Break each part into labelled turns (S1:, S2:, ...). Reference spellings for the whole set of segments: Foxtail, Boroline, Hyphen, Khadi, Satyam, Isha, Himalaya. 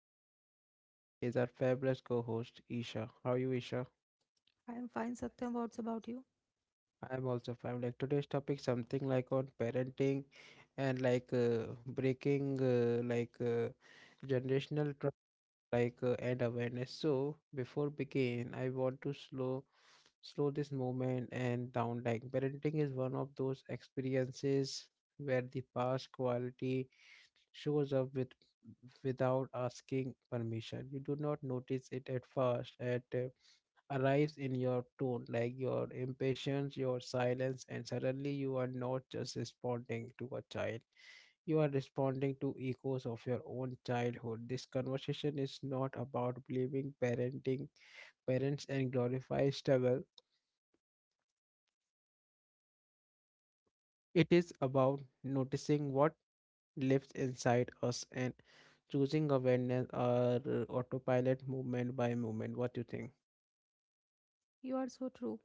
S1: Satyam and with me is our fabulous co-host Isha. How are you, Isha?
S2: I am fine, Satyam. What's about you?
S1: I am also fine. Like today's topic something like on parenting and like breaking like generational and awareness. So before begin, I want to slow this moment and down. Like parenting is one of those experiences where the past quality shows up with without asking permission. You do not notice it at first. It arrives in your tone, like your impatience, your silence, and suddenly you are not just responding to a child, you are responding to echoes of your own childhood. This conversation is not about blaming parenting parents and glorify struggle. It is about noticing what lives inside us and choosing awareness or autopilot movement by movement. What do you think?
S2: You are so true.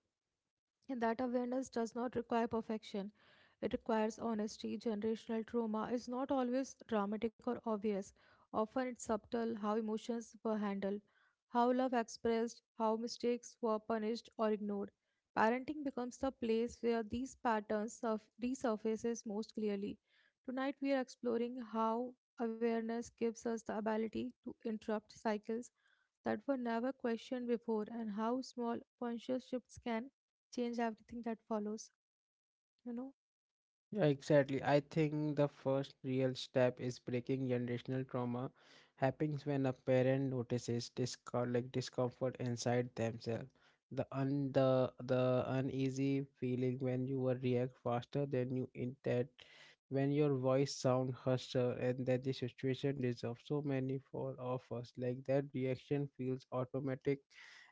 S2: And that awareness does not require perfection. It requires honesty. Generational trauma is not always dramatic or obvious. Often it's subtle how emotions were handled, how love expressed, how mistakes were punished or ignored. Parenting becomes the place where these patterns resurfaces most clearly. Tonight we are exploring how awareness gives us the ability to interrupt cycles that were never questioned before, and how small conscious shifts can change everything that follows. You know,
S1: Yeah, exactly. I think the first real step is breaking generational trauma happens when a parent notices discomfort inside themselves. The un the uneasy feeling when you will react faster than you intend, when your voice sound harsher, and that the situation deserves so many for of us. Like that reaction feels automatic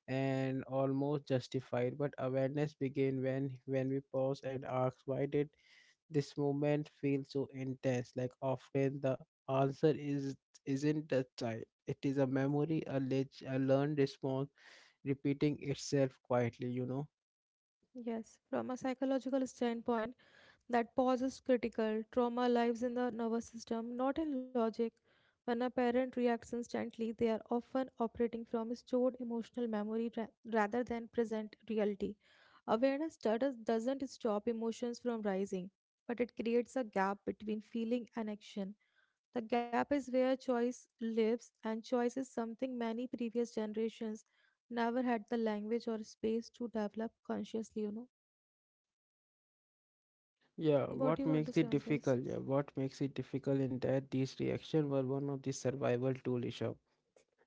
S1: and almost justified. But awareness begin when we pause and ask, why did this moment feels so intense, like often the answer is isn't the child, it is a memory, a learned response repeating itself quietly.
S2: yes, from a psychological standpoint, that pause is critical. Trauma lives in the nervous system, not in logic. When a parent reacts instantly, they are often operating from stored emotional memory rather than present reality. Awareness doesn't stop emotions from rising, but it creates a gap between feeling and action. The gap is where choice lives, and choice is something many previous generations never had the language or space to develop consciously,
S1: Yeah,
S2: What do
S1: what
S2: you want to
S1: makes
S2: say
S1: it
S2: on this?
S1: difficult, what makes it difficult in that these reactions were one of the survival tool Rishabh.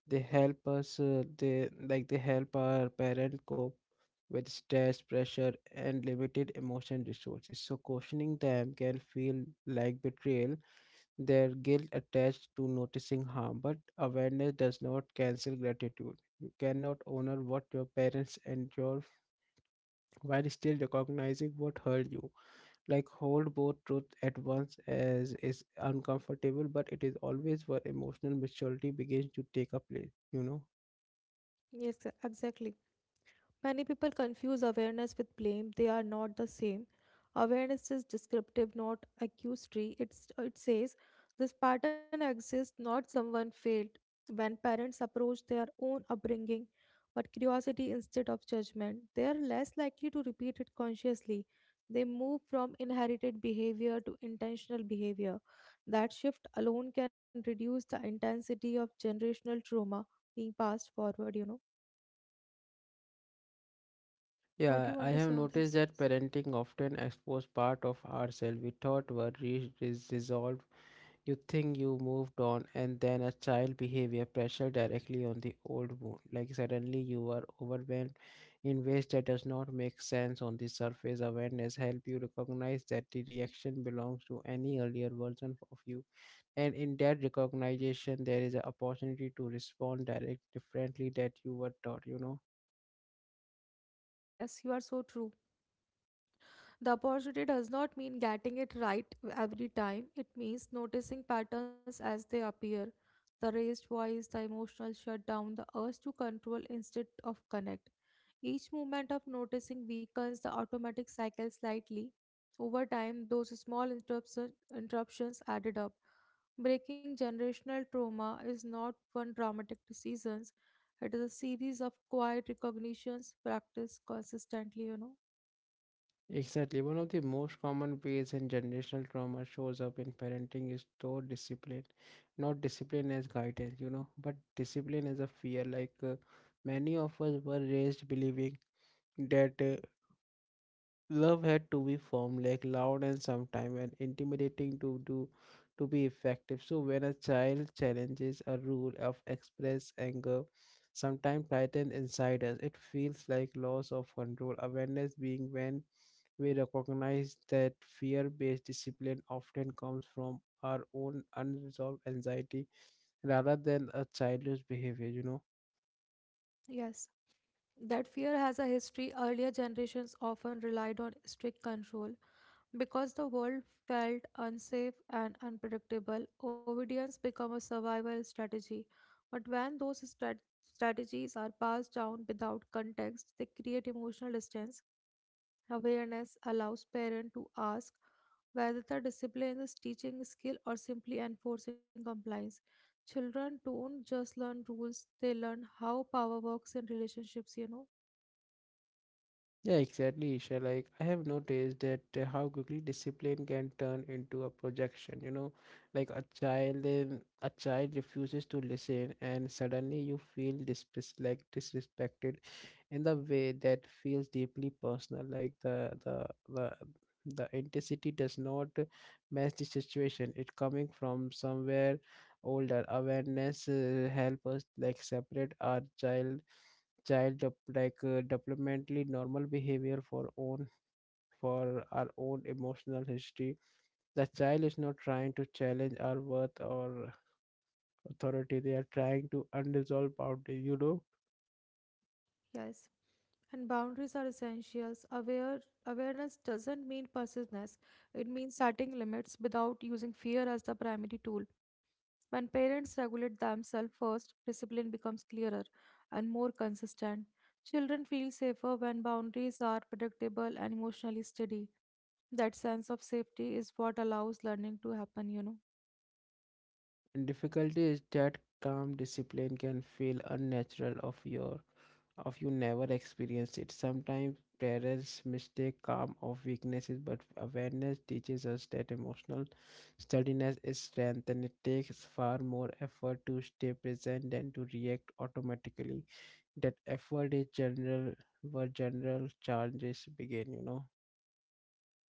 S1: They help us they help our parent cope with stress pressure and limited emotion resources, so questioning them can feel like betrayal, their guilt attached to noticing harm, but awareness does not cancel gratitude. You cannot honor what your parents endure while still recognizing what hurt you. Like hold both truth at once as is uncomfortable, but it is always where emotional maturity begins to take a place, you know.
S2: Yes, exactly. Many people confuse awareness with blame. They are not the same. Awareness is descriptive, not accusatory. It says this pattern exists, not someone failed. When parents approach their own upbringing but curiosity instead of judgment, they are less likely to repeat it consciously. They move from inherited behavior to intentional behavior. That shift alone can reduce the intensity of generational trauma being passed forward, What do
S1: Yeah,
S2: you
S1: I
S2: want to
S1: have
S2: say on
S1: noticed
S2: this?
S1: that parenting often exposes part of ourselves we thought were resolved. You think you moved on, and then a child behavior pressure directly on the old wound. Like suddenly you are overwhelmed in ways that does not make sense on the surface. Awareness help you recognize that the reaction belongs to any earlier version of you, and in that recognition, there is an opportunity to respond direct differently that you were taught. You know.
S2: Yes, you are so true. The opportunity does not mean getting it right every time, it means noticing patterns as they appear. The raised voice, the emotional shutdown, the urge to control instead of connect. Each moment of noticing weakens the automatic cycle slightly. Over time, those interruptions added up. Breaking generational trauma is not one dramatic decision, it is a series of quiet recognitions practiced consistently,
S1: Exactly. One of the most common ways in generational trauma shows up in parenting is through discipline. Not discipline as guidance, you know, but discipline as a fear. Many of us were raised believing that love had to be firm, like loud and sometime and intimidating to do to be effective. So when a child challenges a rule of express anger, sometimes tighten inside us, it feels like loss of control. Awareness being when we recognize that fear based discipline often comes from our own unresolved anxiety rather than a child's behavior, you know.
S2: Yes, that fear has a history. Earlier generations often relied on strict control because the world felt unsafe and unpredictable. Obedience became a survival strategy, but when those strategies are passed down without context, they create emotional distance. Awareness allows parents to ask whether the discipline is teaching skill or simply enforcing compliance. Children don't just learn rules, they learn how power works in relationships,
S1: Yeah, exactly, Isha. Like, I have noticed that how quickly discipline can turn into a projection, you know, like a child refuses to listen, and suddenly you feel dispres like disrespected in the way that feels deeply personal. Like the intensity does not match the situation. It coming from somewhere older. Awareness help us like separate our child developmentally normal behavior for own for our own emotional history, the child is not trying to challenge our worth or authority, they are trying to unresolved boundary, you know.
S2: Yes. And boundaries are essentials. Awareness doesn't mean passiveness; it means setting limits without using fear as the primary tool. When parents regulate themselves first, discipline becomes clearer and more consistent. Children feel safer when boundaries are predictable and emotionally steady. That sense of safety is what allows learning to happen,
S1: And difficulty is that calm discipline can feel unnatural of your of you never experienced it. Sometimes parents mistake calm of weaknesses, but awareness teaches us that emotional steadiness is strength, and it takes far more effort to stay present than to react automatically. That effort is general where general challenges begin, you know.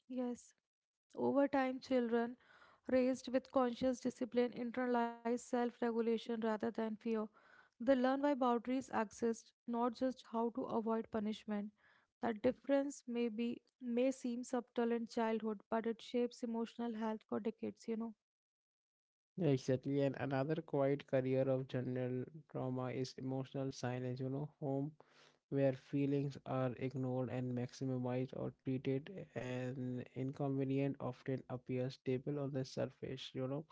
S2: Yes. Over time, children raised with conscious discipline internalize self regulation rather than fear. They learn why boundaries exist, not just how to avoid punishment. That difference may seem subtle in childhood, but it shapes emotional health for decades,
S1: Yeah, exactly, and another quiet career of general trauma is emotional silence. You know, home where feelings are ignored and maximized or treated an inconvenient often appears stable on the surface, you know,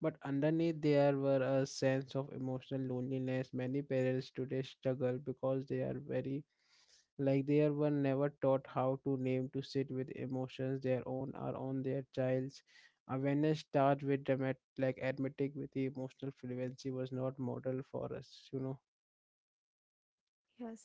S1: but underneath there were a sense of emotional loneliness. Many parents today struggle because they are very like they were never taught how to name to sit with emotions, their own or on their child's. Awareness starts with dramatic like admitting with the emotional fluency was not model for us, you know.
S2: Yes.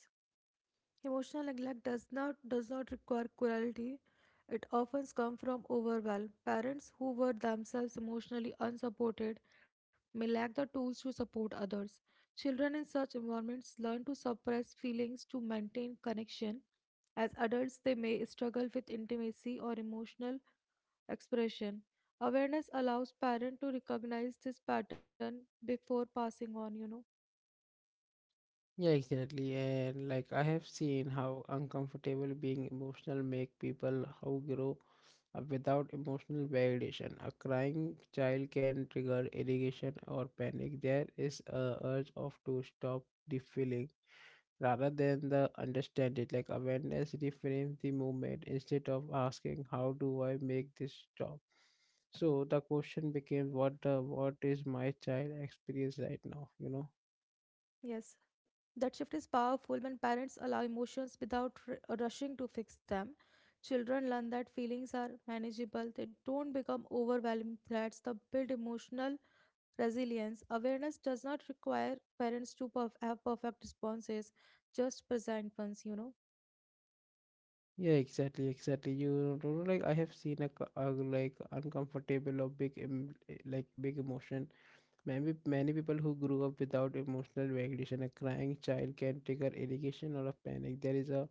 S2: Emotional neglect does not require cruelty. It often comes from overwhelm. Parents who were themselves emotionally unsupported may lack the tools to support others. Children in such environments learn to suppress feelings to maintain connection. As adults, they may struggle with intimacy or emotional expression. Awareness allows parents to recognize this pattern before passing on,
S1: Yeah, exactly. And like I have seen how uncomfortable being emotional make people, how grow up without emotional validation. A crying child can trigger irritation or panic. There is a urge of to stop the feeling rather than the understand it. Like awareness reframes the movement instead of asking, how do I make this stop. So the question became what the what is my child experience right now? You know.
S2: Yes. That shift is powerful when parents allow emotions without rushing to fix them. Children learn that feelings are manageable, they don't become overwhelming threats. They build emotional resilience. Awareness does not require parents to have perfect responses, just present ones,
S1: Yeah, exactly, exactly. You know, like I have seen like, a, co- a like uncomfortable or big em eh, like big emotion. Many people who grew up without emotional regulation, a crying child can trigger irritation or a panic.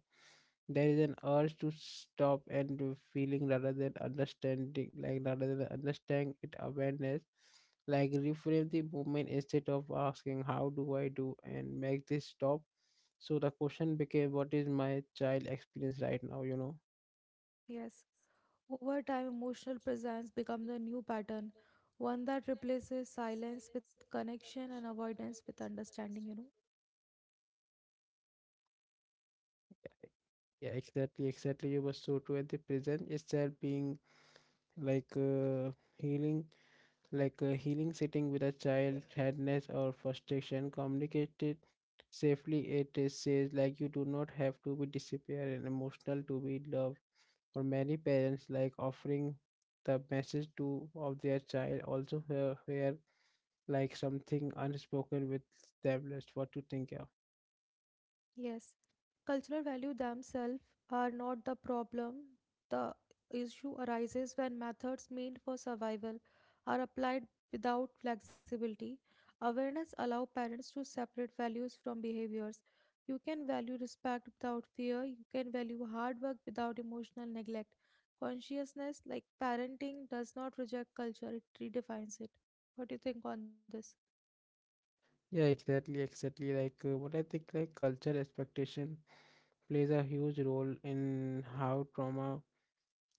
S1: There is an urge to stop and do feeling rather than understanding, like rather than understand it awareness. Like reframe the movement instead of asking, how do I do and make this stop. So the question became, what is my child experience right now, you know?
S2: Yes. Over time, emotional presence becomes the new pattern, one that replaces silence with connection and avoidance with understanding,
S1: Yeah, exactly, exactly. You were so true at the present itself being like uh, healing, healing sitting with a child, sadness or frustration communicated safely. It is says like you do not have to be disappear and emotional to be loved. For many parents, like offering the message to of their child also where like something unspoken with them. That's what to think, yeah?
S2: Yes, cultural value themselves are not the problem. The issue arises when methods meant for survival are applied without flexibility. Awareness allows parents to separate values from behaviors. You can value respect without fear. You can value hard work without emotional neglect. Consciousness, like parenting, does not reject culture, it redefines it. What do you think on this?
S1: Yeah, exactly, exactly. What I think, like culture expectation plays a huge role in how trauma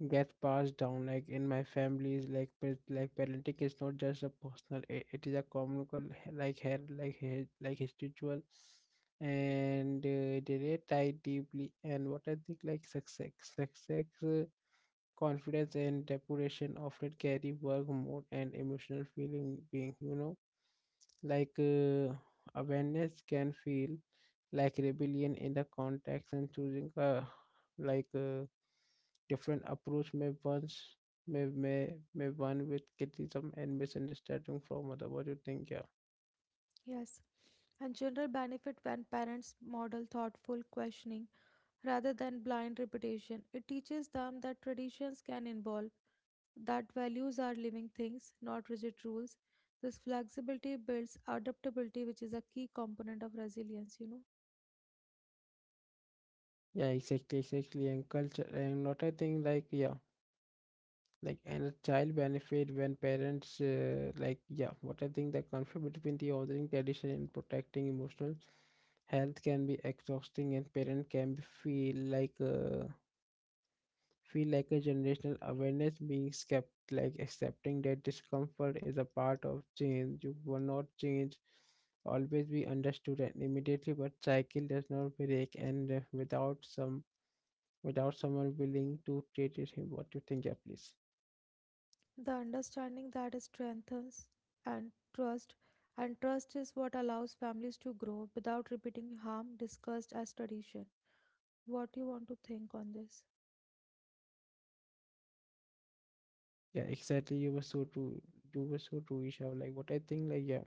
S1: gets passed down. Like in my families, like parenting is not just a personal; it is a communal, like spiritual, and they relate tied deeply. And what I think, like success, confidence, and depuration often carry work mode and emotional feeling being. You know, like uh, awareness can feel like rebellion in the context, and choosing like a different approach may once may one with criticism and misunderstanding from other. What do you think? Yeah,
S2: Yes, and children benefit when parents model thoughtful questioning rather than blind repetition. It teaches them that traditions can evolve, that values are living things, not rigid rules. This flexibility builds adaptability, which is a key component of resilience,
S1: yeah, exactly, exactly. And culture and what I think like, yeah. Like and a child benefit when parents, yeah, what I think the conflict between the ordering tradition and protecting emotional health can be exhausting, and parent can be feel feel like a generational awareness being kept like accepting that discomfort is a part of change, you will not change always be understood and immediately, but cycle does not break and without some without someone willing to treat it him, what you think, yeah please.
S2: The understanding that strengthens and trust, and trust is what allows families to grow without repeating harm discussed as tradition. What do you want to think on this?
S1: Yeah exactly, you were so true, you were so true Isha, like what I think like, yeah,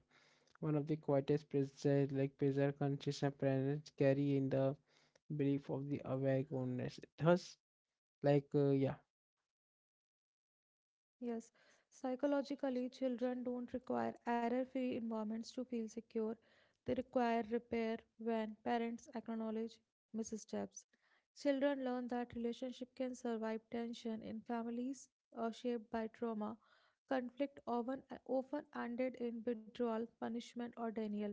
S1: one of the quietest preserved consciousness parents carry in the belief of the awake oneness thus yeah.
S2: Yes, psychologically, children don't require error-free environments to feel secure. They require repair when parents acknowledge missteps. Children learn that relationship can survive tension in families shaped by trauma. Conflict often ended in withdrawal, punishment, or denial.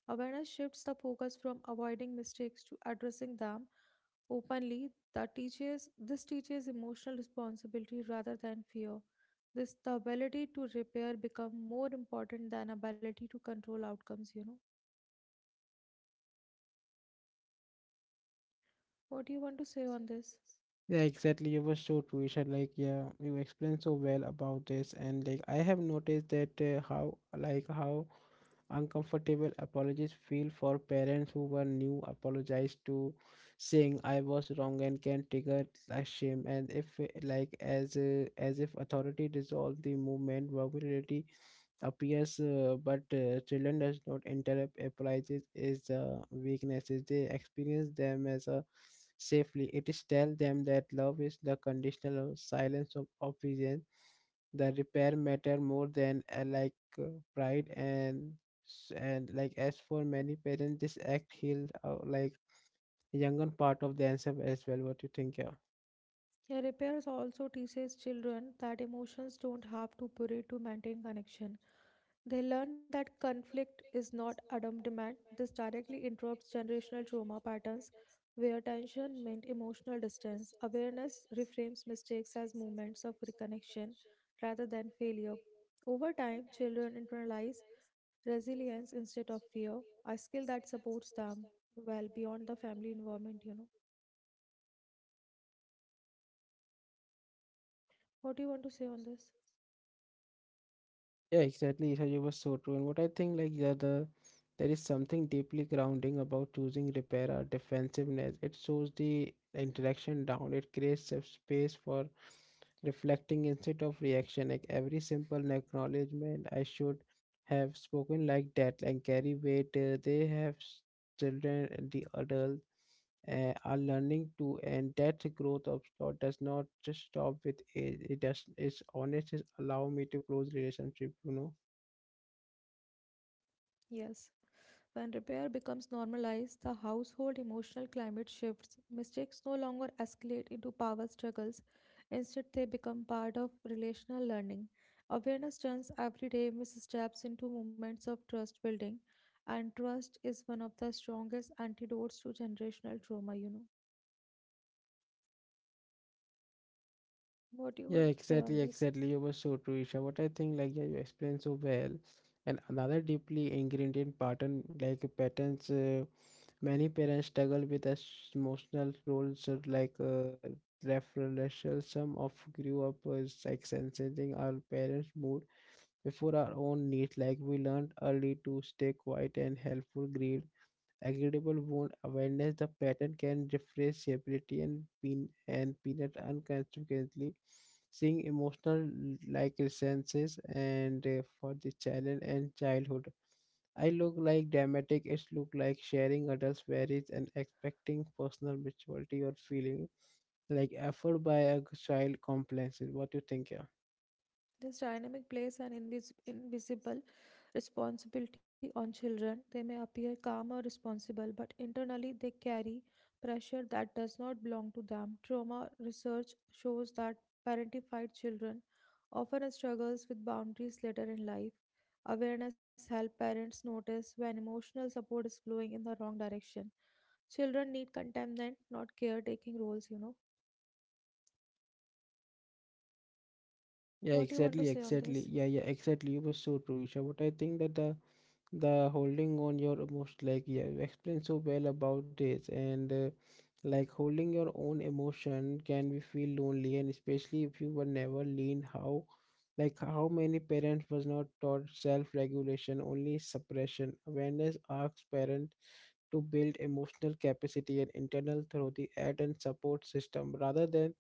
S2: Awareness shifts the focus from avoiding mistakes to addressing them openly. That teaches this teaches emotional responsibility rather than fear. This, the ability to repair, become more important than ability to control outcomes, what do you want to say on this?
S1: Yeah, exactly. You were so true, Isha. Like, yeah, you explained so well about this, and like I have noticed that how like how uncomfortable apologies feel for parents who were new apologize to, saying I was wrong, and can trigger a shame and if as if authority dissolved the movement, vulnerability appears, but children does not interrupt appliances is weaknesses. They experience them as a safely. It is tell them that love is the conditional of silence of obedience. The repair matter more than uh, pride and and like as for many parents, this act healed younger part of themselves as well. What you think? Yeah.
S2: Yeah, repairs also teaches children that emotions don't have to bury to maintain connection. They learn that conflict is not Adam demand. This directly interrupts generational trauma patterns where tension meant emotional distance. Awareness reframes mistakes as moments of reconnection rather than failure. Over time, children internalize resilience instead of fear, a skill that supports them well beyond the family environment, What do you want to say on this?
S1: Yeah, exactly. So you were so true. And what I think, like, yeah, the there is something deeply grounding about choosing repair or defensiveness. It shows the interaction down. It creates a space for reflecting instead of reaction. Like every simple acknowledgement, I should have spoken like that and carry weight. They have children, and the adult are learning to, and that growth of thought does not just stop with age. It does. It's honest. It allow me to close relationship. You know.
S2: Yes. When repair becomes normalized, the household emotional climate shifts. Mistakes no longer escalate into power struggles. Instead, they become part of relational learning. Awareness turns everyday missteps into moments of trust building, and trust is one of the strongest antidotes to generational trauma, What do you
S1: Yeah,
S2: want to say
S1: exactly,
S2: on this?
S1: exactly. You were so true, Isha. What I think, like, yeah, you explained so well. And another deeply ingrained in pattern, like patterns. Many parents struggle with emotional roles of referential. Some of grew up as like sensing our parents' mood before our own needs. Like we learned early to stay quiet and helpful, greed agreeable wound awareness, the pattern can refresh stability and pin and peanut unconsciously, seeing emotional like resences and for the challenge and childhood. I look like dramatic, it's look like sharing adults varies and expecting personal maturity or feeling like effort by a child complex. What do you think, yeah?
S2: This dynamic plays an invisible responsibility on children. They may appear calm or responsible, but internally they carry pressure that does not belong to them. Trauma research shows that parentified children often struggles with boundaries later in life. Awareness helps parents notice when emotional support is flowing in the wrong direction. Children need contentment, not caretaking roles,
S1: Yeah,
S2: What do you want to
S1: exactly,
S2: say on
S1: exactly.
S2: this?
S1: Yeah, yeah, exactly. You were so true, Isha. But I think that the holding on your emotion, like yeah, you explained so well about this, and like holding your own emotion can be feel lonely, and especially if you were never lean how, like how many parents was not taught self regulation, only suppression. Awareness asks parent to build emotional capacity and internal through the aid and support system rather than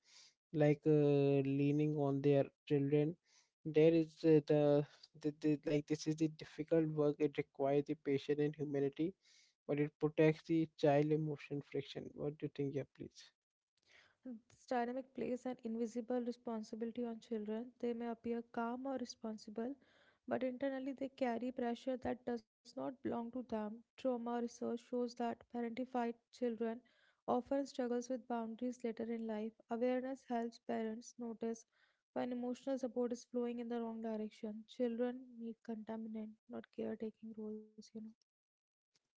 S1: leaning on their children. There is the this is the difficult work, it requires the patience and humanity, but it protects the child emotion friction. What do you think, yeah, please?
S2: This dynamic plays an invisible responsibility on children. They may appear calm or responsible, but internally they carry pressure that does not belong to them. Trauma research shows that parentified children often struggles with boundaries later in life. Awareness helps parents notice when emotional support is flowing in the wrong direction. Children need contaminant, not caretaking roles,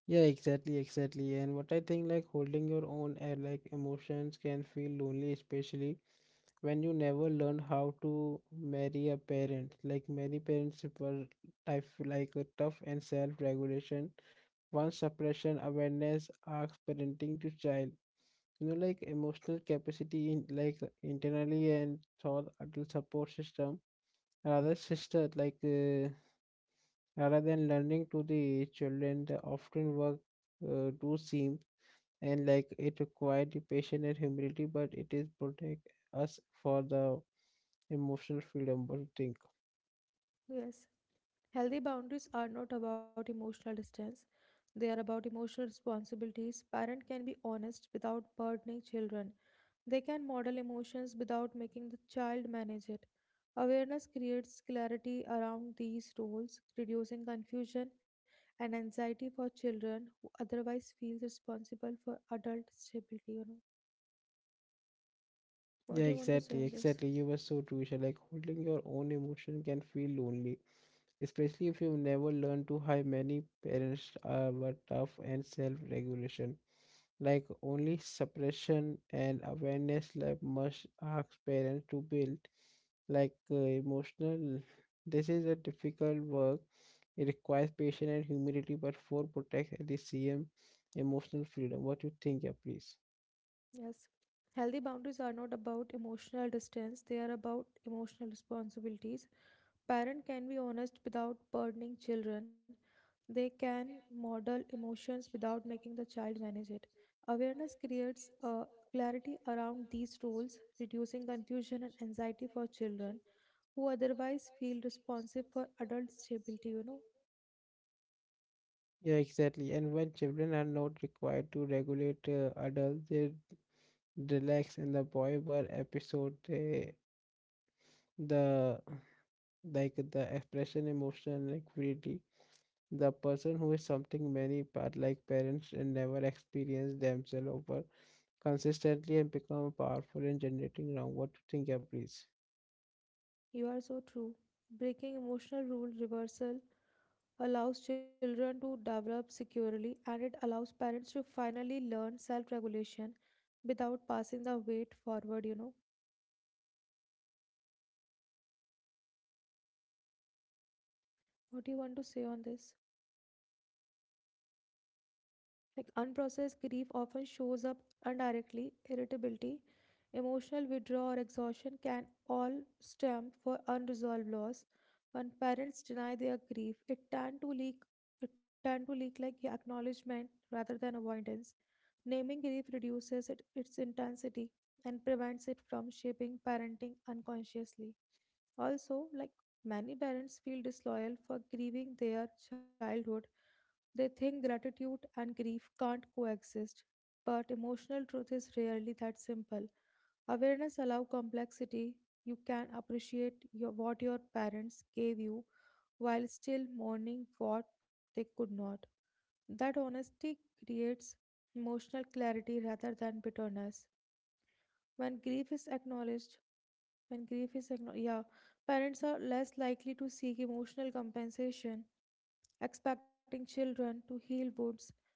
S1: Yeah, exactly, exactly. And what I think, like holding your own like emotions can feel lonely, especially when you never learn how to marry a parent. Like many parents were type like a tough and self-regulation, one suppression. Awareness asks parenting to child, you know, like emotional capacity in like internally and thought adult support system rather sister rather than learning to the children, they often work do seem and like it required the patience and humility, but it is protect us for the emotional freedom. What do you think?
S2: Yes. Healthy boundaries are not about emotional distance, they are about emotional responsibilities. Parents can be honest without burdening children. They can model emotions without making the child manage it. Awareness creates clarity around these roles, reducing confusion and anxiety for children who otherwise feel responsible for adult stability. What
S1: Yeah,
S2: do you want to say
S1: exactly,
S2: on this?
S1: exactly. You were so true, Isha. Like holding your own emotion can feel lonely, especially if you never learn to how many parents were tough and self-regulation. Like only suppression and awareness like must ask parents to build. Emotional, this is a difficult work. It requires patience and humility, but for protect at the same emotional freedom. What you think, yeah, please?
S2: Yes. Healthy boundaries are not about emotional distance, they are about emotional responsibilities. Parents can be honest without burdening children. They can model emotions without making the child manage it. Awareness creates a clarity around these roles, reducing confusion and anxiety for children who otherwise feel responsive for adult stability. You know,
S1: Yeah, exactly. And when children are not required to regulate adults, they relax in the boy were episode. The the expression, emotion, like freely. The person who is something many part like parents and never experience themselves over consistently and become powerful in generating wrong. What do you think, yeah, please?
S2: you are so true. Breaking emotional rule reversal allows children to develop securely and it allows parents to finally learn self regulation without passing the weight forward, What do you want to say on this? Like unprocessed grief often shows up indirectly, irritability, emotional withdrawal, or exhaustion can all stem from unresolved loss. When parents deny their grief, it tend to leak like acknowledgement rather than avoidance. Naming grief reduces it, its intensity and prevents it from shaping parenting unconsciously. Also, like many parents feel disloyal for grieving their childhood, they think gratitude and grief can't coexist, but emotional truth is rarely that simple. Awareness allows complexity. You can appreciate your, what your parents gave you while still mourning what they could not. That honesty creates emotional clarity rather than bitterness. When grief is acknowledged, when grief is acknowledged, yeah, parents are less likely to seek emotional compensation expecting children to heal wounds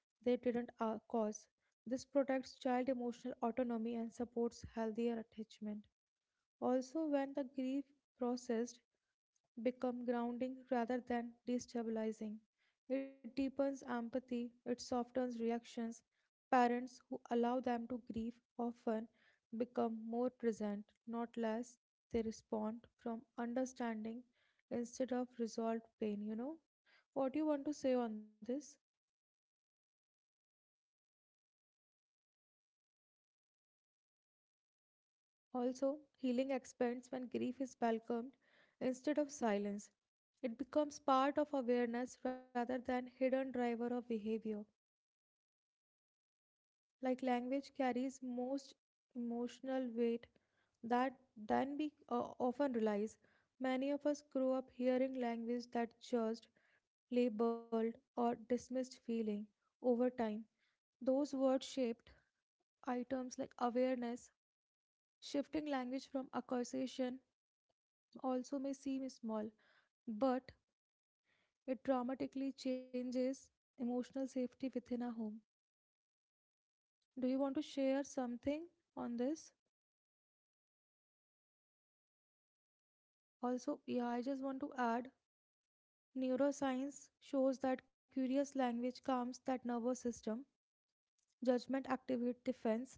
S2: they didn't cause. This protects child emotional autonomy and supports healthier attachment. Also, when the grief processed become grounding rather than destabilizing, it deepens empathy, it softens reactions. Parents who allow them to grieve often become more present, not less. They respond from understanding instead of resolved pain, What do you want to say on this? Also, healing expands when grief is welcomed instead of silenced. It becomes part of awareness rather than hidden driver of behavior. Like language carries most emotional weight that then we often realize many of us grow up hearing language that judged, labeled, or dismissed feeling. Over time, those words shaped items like awareness, shifting language from accusation also may seem small but it dramatically changes emotional safety within a home. Do you want to share something on this? Also, yeah, I just want to add neuroscience shows that curious language calms that nervous system, judgment activate defense.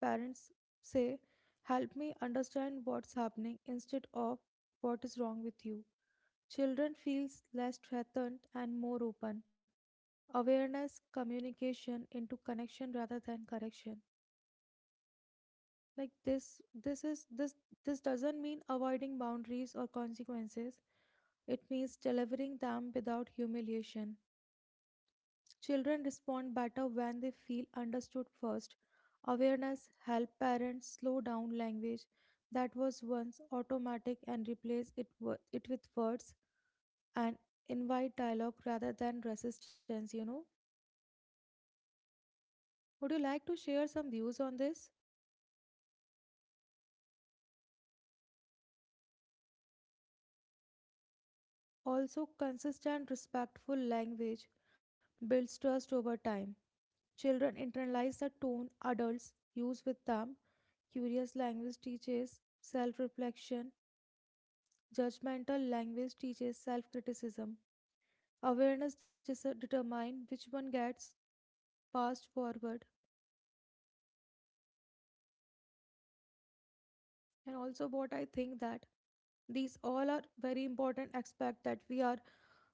S2: Parents say, "Help me understand what's happening" instead of "What is wrong with you." Children feels less threatened and more open. Awareness, communication into connection rather than correction. Like this is this this doesn't mean avoiding boundaries or consequences. It means delivering them without humiliation. Children respond better when they feel understood first. Awareness help parents slow down language that was once automatic and replace it with words and invite dialogue rather than resistance. Would you like to share some views on this? Also, consistent, respectful language builds trust over time. Children internalize the tone adults use with them. Curious language teaches self reflection. Judgmental language teaches self criticism. Awareness determines which one gets passed forward. And also, what I think that these all are very important aspects that we are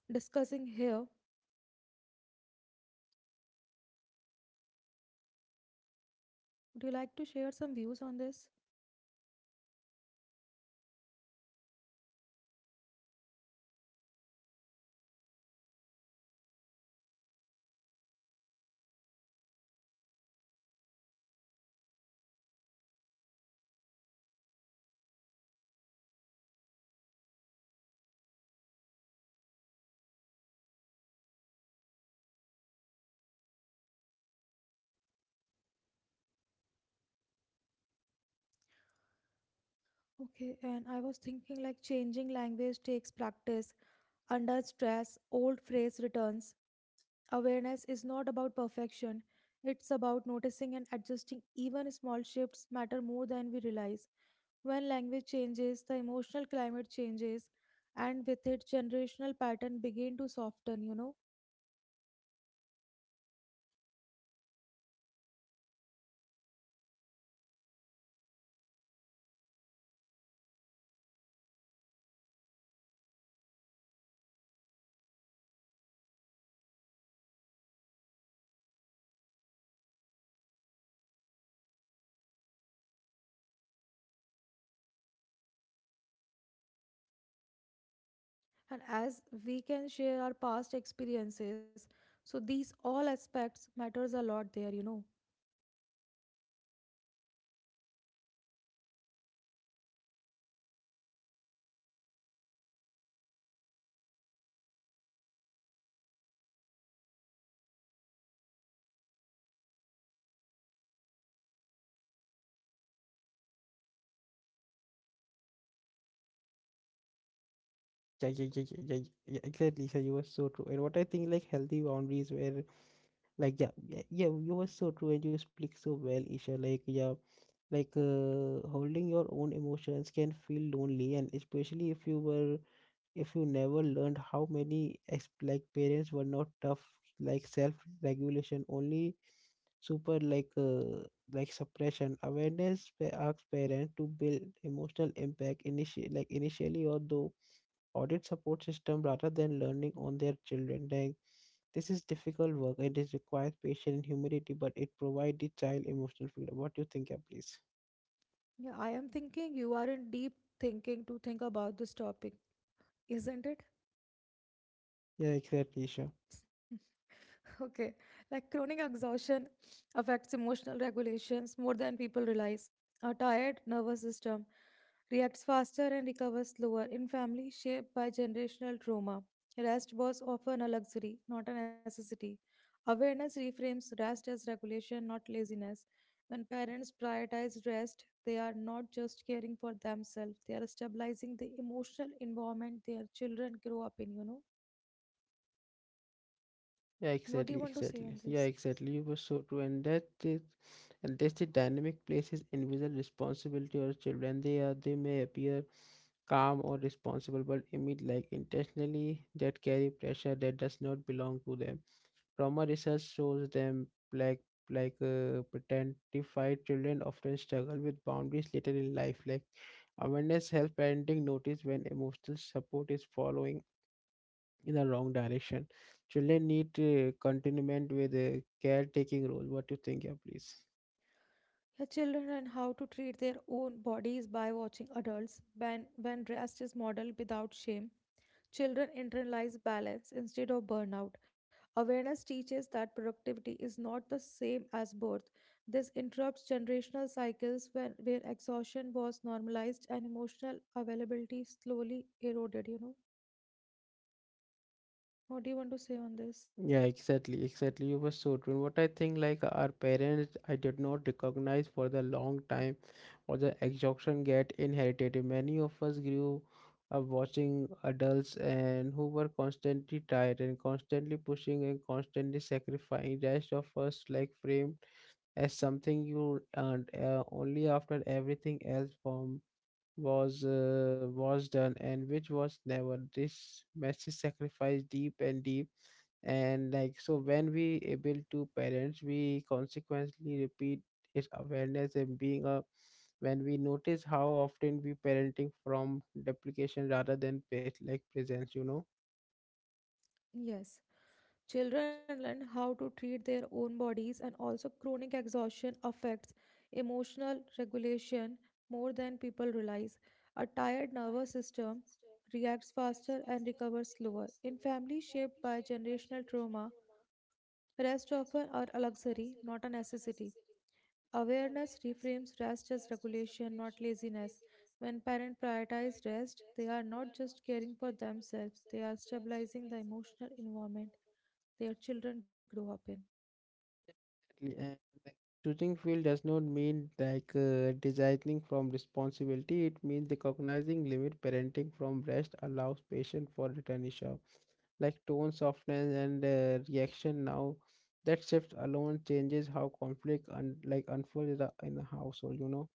S2: discussing here. Would you like to share some views on this? Okay, and I was thinking like changing language takes practice. Under stress, old phrase returns. Awareness is not about perfection, it's about noticing and adjusting. Even small shifts matter more than we realize. When language changes, the emotional climate changes, and with it, generational pattern begin to soften, you know. And as we can share our past experiences, so these all aspects matters a lot there, you know.
S1: Yeah, yeah, yeah, yeah, yeah, yeah, exactly. So you were so true. And what I think, like healthy boundaries where like yeah, yeah you were so true and you speak so well, Isha. Like yeah, holding your own emotions can feel lonely and especially if you never learned how many parents were not tough like self regulation only super like suppression awareness asks parents to build emotional impact initially, like initially although audit support system rather than learning on their children. Like, this is difficult work and it requires patience and humility, but it provides the child emotional freedom. What do you think, yeah, please?
S2: Yeah, I am thinking you are in deep thinking to think about this topic, isn't it?
S1: Yeah, exactly, Isha.
S2: Okay. Like chronic exhaustion affects emotional regulations more than people realize. A tired nervous system reacts faster and recovers slower in families shaped by generational trauma. Rest was often a luxury, not a necessity. Awareness reframes rest as regulation, not laziness. When parents prioritize rest, they are not just caring for themselves, they are stabilizing the emotional environment their children grow up in, you know.
S1: Yeah,
S2: What do you want
S1: exactly,
S2: to say on
S1: exactly.
S2: this?
S1: Yeah, exactly. You were so true, and that's the dynamic places invisible responsibility on children. They may appear calm or responsible but emit like intentionally that carry pressure that does not belong to them. Trauma research shows them like pretentified children often struggle with boundaries later in life. Like awareness helps parenting notice when emotional support is following in the wrong direction. Children need continuement with a caretaking role. What do you think, yeah, please?
S2: Yeah, children and how to treat their own bodies by watching adults when rest is modeled without shame. Children internalize balance instead of burnout. Awareness teaches that productivity is not the same as birth. This interrupts generational cycles when, where exhaustion was normalized and emotional availability slowly eroded. You know, what do you want to say on this?
S1: Yeah, exactly, exactly. You were so true. What I think, like our parents, I did not recognize for the long time, or the exhaustion get inherited. Many of us grew up watching adults and who were constantly tired and constantly pushing and constantly sacrificing. Rest of us like framed as something you earned only after everything else from was done and which was never. This massive sacrifice, deep and deep and like so when we able to parents we consequently repeat its awareness and being a when we notice how often we parenting from duplication rather than presence, you know.
S2: Yes. Children learn how to treat their own bodies, and also chronic exhaustion affects emotional regulation more than people realize. A tired nervous system reacts faster and recovers slower. In families shaped by generational trauma, rest often are a luxury, not a necessity. Awareness reframes rest as regulation, not laziness. When parents prioritize rest, they are not just caring for themselves, they are stabilizing the emotional environment their children grow up in.
S1: Exactly, and like, choosing field does not mean designing from responsibility. It means recognizing limit parenting from rest allows patient for returnisha, like tone softness and reaction. Now, that shift alone changes how conflict and like unfolds in the household. You know.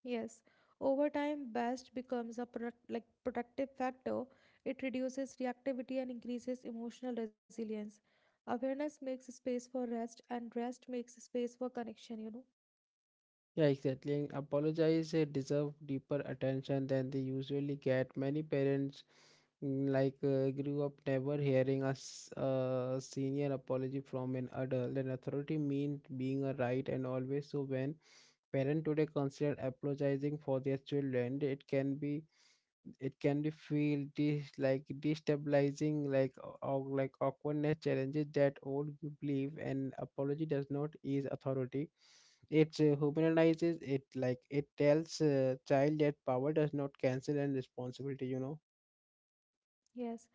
S2: Yes, over time, best becomes a product, like productive factor. It reduces reactivity and increases emotional resilience. Awareness makes space for rest, and rest makes space for connection. You know.
S1: Yeah, exactly. And apologize deserve deeper attention than they usually get. Many parents, grew up never hearing a, a senior apology from an adult. And authority means being a right and always. So when parents today consider apologizing for their children, it can be feel dis like destabilizing like or like awkwardness challenges that old you believe and apology does not ease authority, it humanizes it. Like it tells child that power does not cancel and responsibility, you know.
S2: Yes,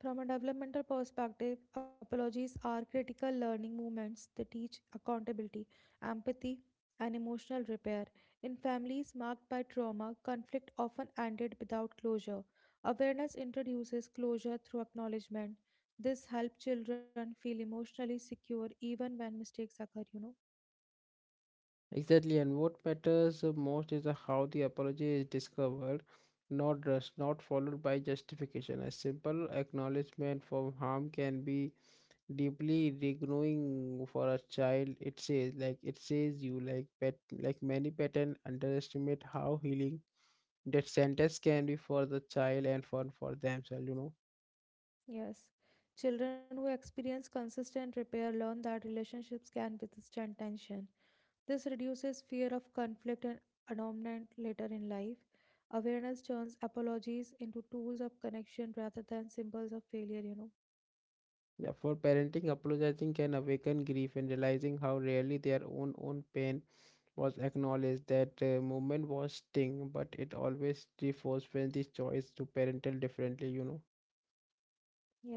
S2: from a developmental perspective, apologies are critical learning movements. They teach accountability, empathy, and emotional repair. In families marked by trauma, conflict often ended without closure. Awareness introduces closure through acknowledgement. This helps children feel emotionally secure even when mistakes occur, you know.
S1: Exactly, and what matters most is how the apology is discovered, not just not followed by justification. A simple acknowledgement from harm can be deeply regrowing for a child. It says you like pet, like many pattern underestimate how healing that sentence can be for the child and for themselves, you know.
S2: Yes. Children who experience consistent repair learn that relationships can withstand tension. This reduces fear of conflict and abandonment later in life. Awareness turns apologies into tools of connection rather than symbols of failure, you know.
S1: Yeah, for parenting apologizing can awaken grief and realizing how rarely their own pain was acknowledged. That moment was sting but it always reinforces the choice to parental differently, you know.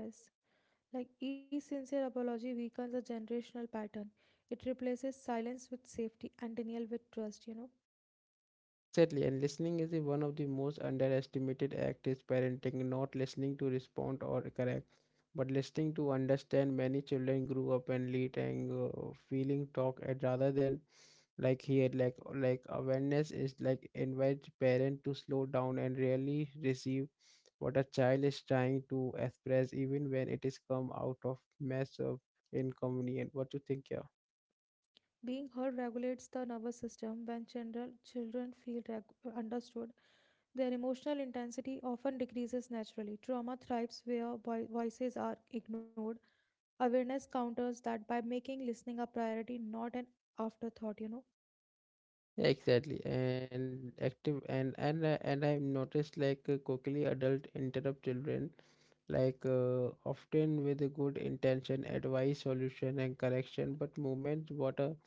S2: Yes. Like each sincere apology weakens a generational pattern. It replaces silence with safety and denial with trust, you know.
S1: Sadly, and listening is the one of the most underestimated act is parenting, not listening to respond or correct, but listening to understand. Many children grew up and lead and feeling talk and rather than like awareness is like invites parent to slow down and really receive what a child is trying to express, even when it is come out of mess of inconvenience. What do you think, yeah?
S2: Being heard regulates the nervous system. When general children feel understood, their emotional intensity often decreases naturally. Trauma thrives where voices are ignored. Awareness counters that by making listening a priority, not an afterthought, you know.
S1: Exactly, and active and I've noticed quickly adult interrupt children, often with a good intention, advice, solution, and correction, but moment what a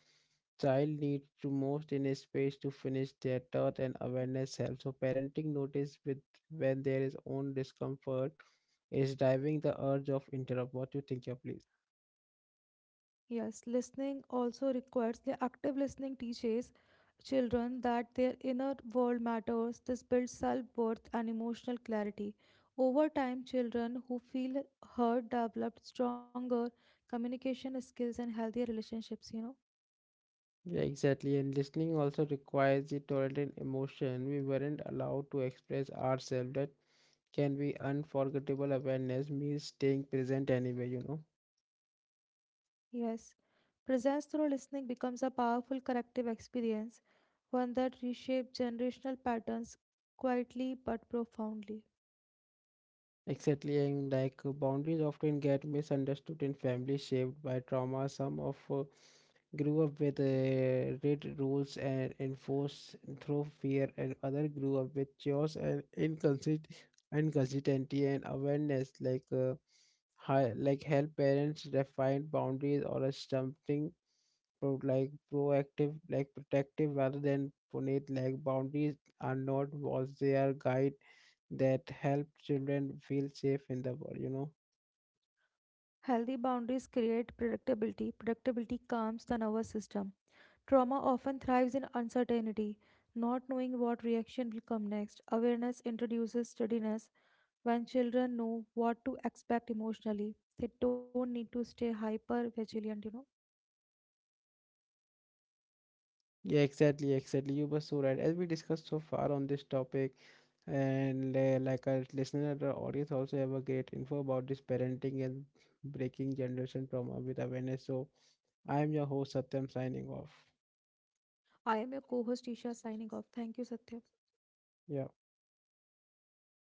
S1: child needs to most in a space to finish their thought and awareness helps. So parenting notice with when there is own discomfort is driving the urge of interrupt. What you think, yeah, please?
S2: Yes, listening also requires the active listening teaches children that their inner world matters. This builds self worth and emotional clarity. Over time, children who feel heard develop stronger communication skills and healthier relationships, you know.
S1: Yeah, exactly. And listening also requires the tolerant emotion. We weren't allowed to express ourselves. That can be unforgettable awareness means staying present anyway, you know.
S2: Yes, presence through listening becomes a powerful corrective experience, one that reshapes generational patterns quietly but profoundly.
S1: Exactly. And boundaries often get misunderstood in families shaped by trauma. Some of grew up with rigid rules and enforced through fear, and other grew up with chaos and inconsistency and awareness. Like help parents define boundaries or a something proactive like protective rather than punit like boundaries are not walls, they are guide that help children feel safe in the world, you know.
S2: Healthy boundaries create predictability, predictability calms the nervous system. Trauma often thrives in uncertainty, not knowing what reaction will come next. Awareness introduces steadiness. When children know what to expect emotionally, they don't need to stay hyper vigilant, you know.
S1: Yeah, exactly, exactly, you were so right. As we discussed so far on this topic, and like our listener, the audience also have a great info about this parenting and breaking generation trauma with awareness. So I am your host, Satyam, signing off.
S2: I am your co host, Isha, signing off. Thank you, Satya.
S1: Yeah.